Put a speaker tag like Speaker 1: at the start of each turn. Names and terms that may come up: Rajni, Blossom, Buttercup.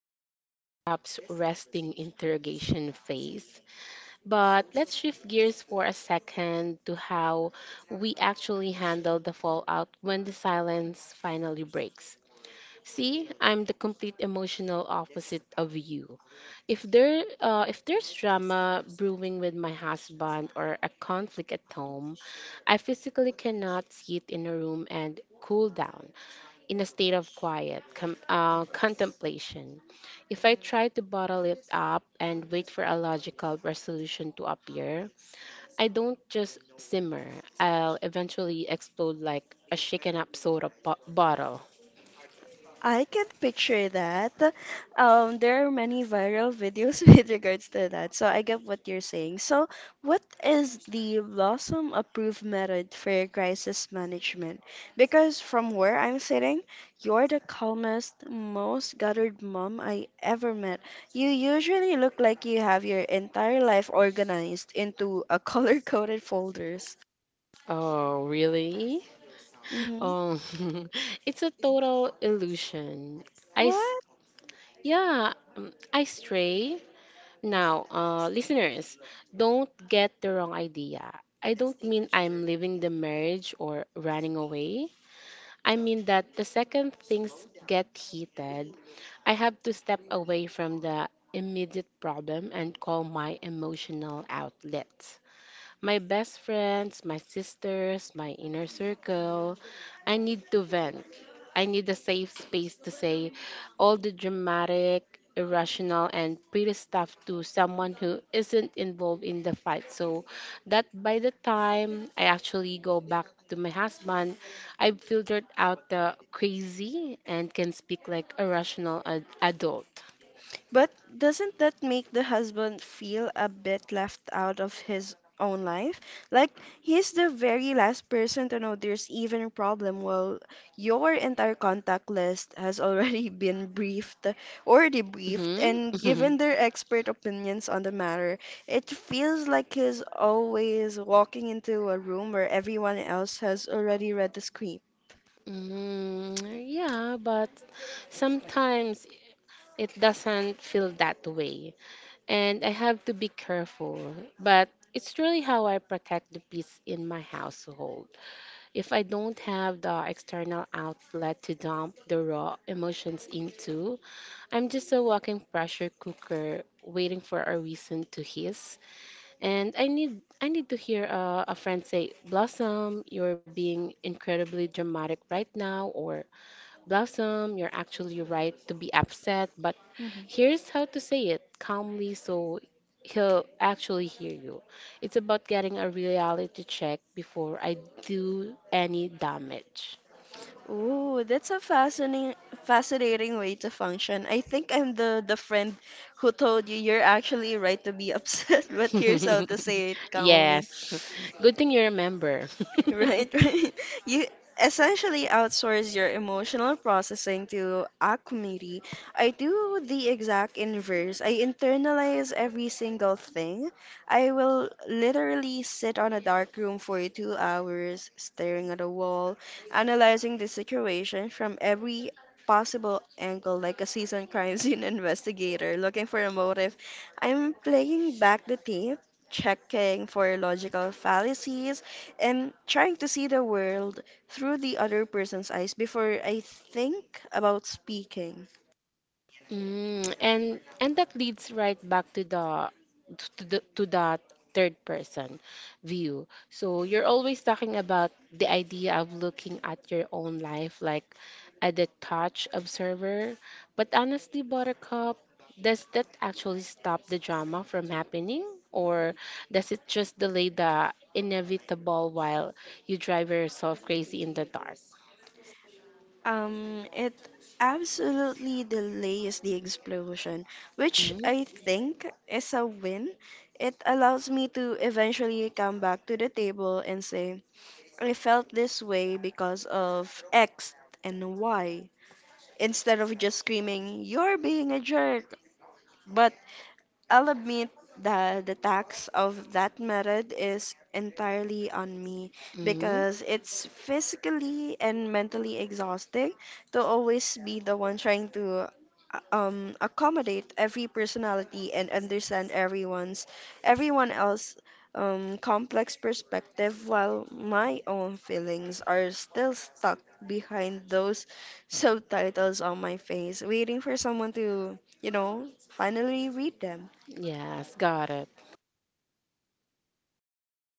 Speaker 1: dissecting Buttercup's resting interrogation phase, but let's shift gears for a second to how we actually handle the fallout when the silence finally breaks. See, I'm the complete emotional opposite of you. If there, if there's drama brewing with my husband or a conflict at home, I physically cannot sit in a room and cool down in a state of quiet contemplation. If I try to bottle it up and wait for a logical resolution to appear, I don't just simmer, I'll eventually explode like a shaken up bottle.
Speaker 2: I can picture that. There are many viral videos with regards to that, so I get what you're saying. So, what is the Blossom approved method for crisis management? Because from where I'm sitting, you're the calmest, most gathered mom I ever met. You usually look like you have your entire life organized into a color-coded folders.
Speaker 1: Oh, really?
Speaker 2: Mm-hmm.
Speaker 1: Oh, it's a total illusion. I, s- yeah, I stray. Now, listeners, don't get the wrong idea. I don't mean I'm leaving the marriage or running away. I mean that the second things get heated, I have to step away from the immediate problem and call my emotional outlet. My best friends, my sisters, my inner circle. I need to vent. I need a safe space to say all the dramatic, irrational, and pretty stuff to someone who isn't involved in the fight, so that by the time I actually go back to my husband, I've filtered out the crazy and can speak like a rational adult.
Speaker 2: But doesn't that make the husband feel a bit left out of his own life? Like he's the very last person to know there's even a problem while your entire contact list has already been briefed or debriefed
Speaker 1: Hmm.
Speaker 2: and given their expert opinions on the matter. It feels like he's always walking into a room where everyone else has already read the script.
Speaker 1: Mm, yeah, but sometimes it doesn't feel that way. And I have to be careful, but it's truly how I protect the peace in my household. If I don't have the external outlet to dump the raw emotions into, I'm just a walking pressure cooker waiting for a reason to hiss. And I need to hear a friend say, "Blossom, you're being incredibly dramatic right now," or "Blossom, you're actually right to be upset, but here's how to say it calmly so he'll actually hear you." It's about getting a reality check before I do any damage.
Speaker 2: Ooh, that's a fascinating way to function. I think I'm the friend who told you you're actually right to be upset, but here's how to say it, yes, calmly.
Speaker 1: Yes. Good thing you remember.
Speaker 2: Right, right. You essentially outsource your emotional processing to a committee. I do the exact inverse. I internalize every single thing. I will literally sit on a dark room for 2 hours, staring at a wall, analyzing the situation from every possible angle, like a seasoned crime scene investigator looking for a motive. I'm playing back the tape. Checking for logical fallacies, am trying to see the world through the other person's eyes before I think about speaking.
Speaker 1: Mm, and that leads right back to the to that third person view. So you're always talking about the idea of looking at your own life like a detached observer. But honestly, Buttercup, does that actually stop the drama from happening, or does it just delay the inevitable while you drive yourself crazy in the dark?
Speaker 2: It absolutely delays the explosion, which
Speaker 1: Mm-hmm.
Speaker 2: I think is a win. It allows me to eventually come back to the table and say, I felt this way because of X and Y, instead of just screaming, you're being a jerk. But I'll admit that the tax of that method is entirely on me
Speaker 1: Mm-hmm.
Speaker 2: because it's physically and mentally exhausting to always be the one trying to accommodate every personality and understand everyone's everyone else complex perspective while my own feelings are still stuck behind those subtitles on my face waiting for someone to finally read them
Speaker 1: Yes, got it.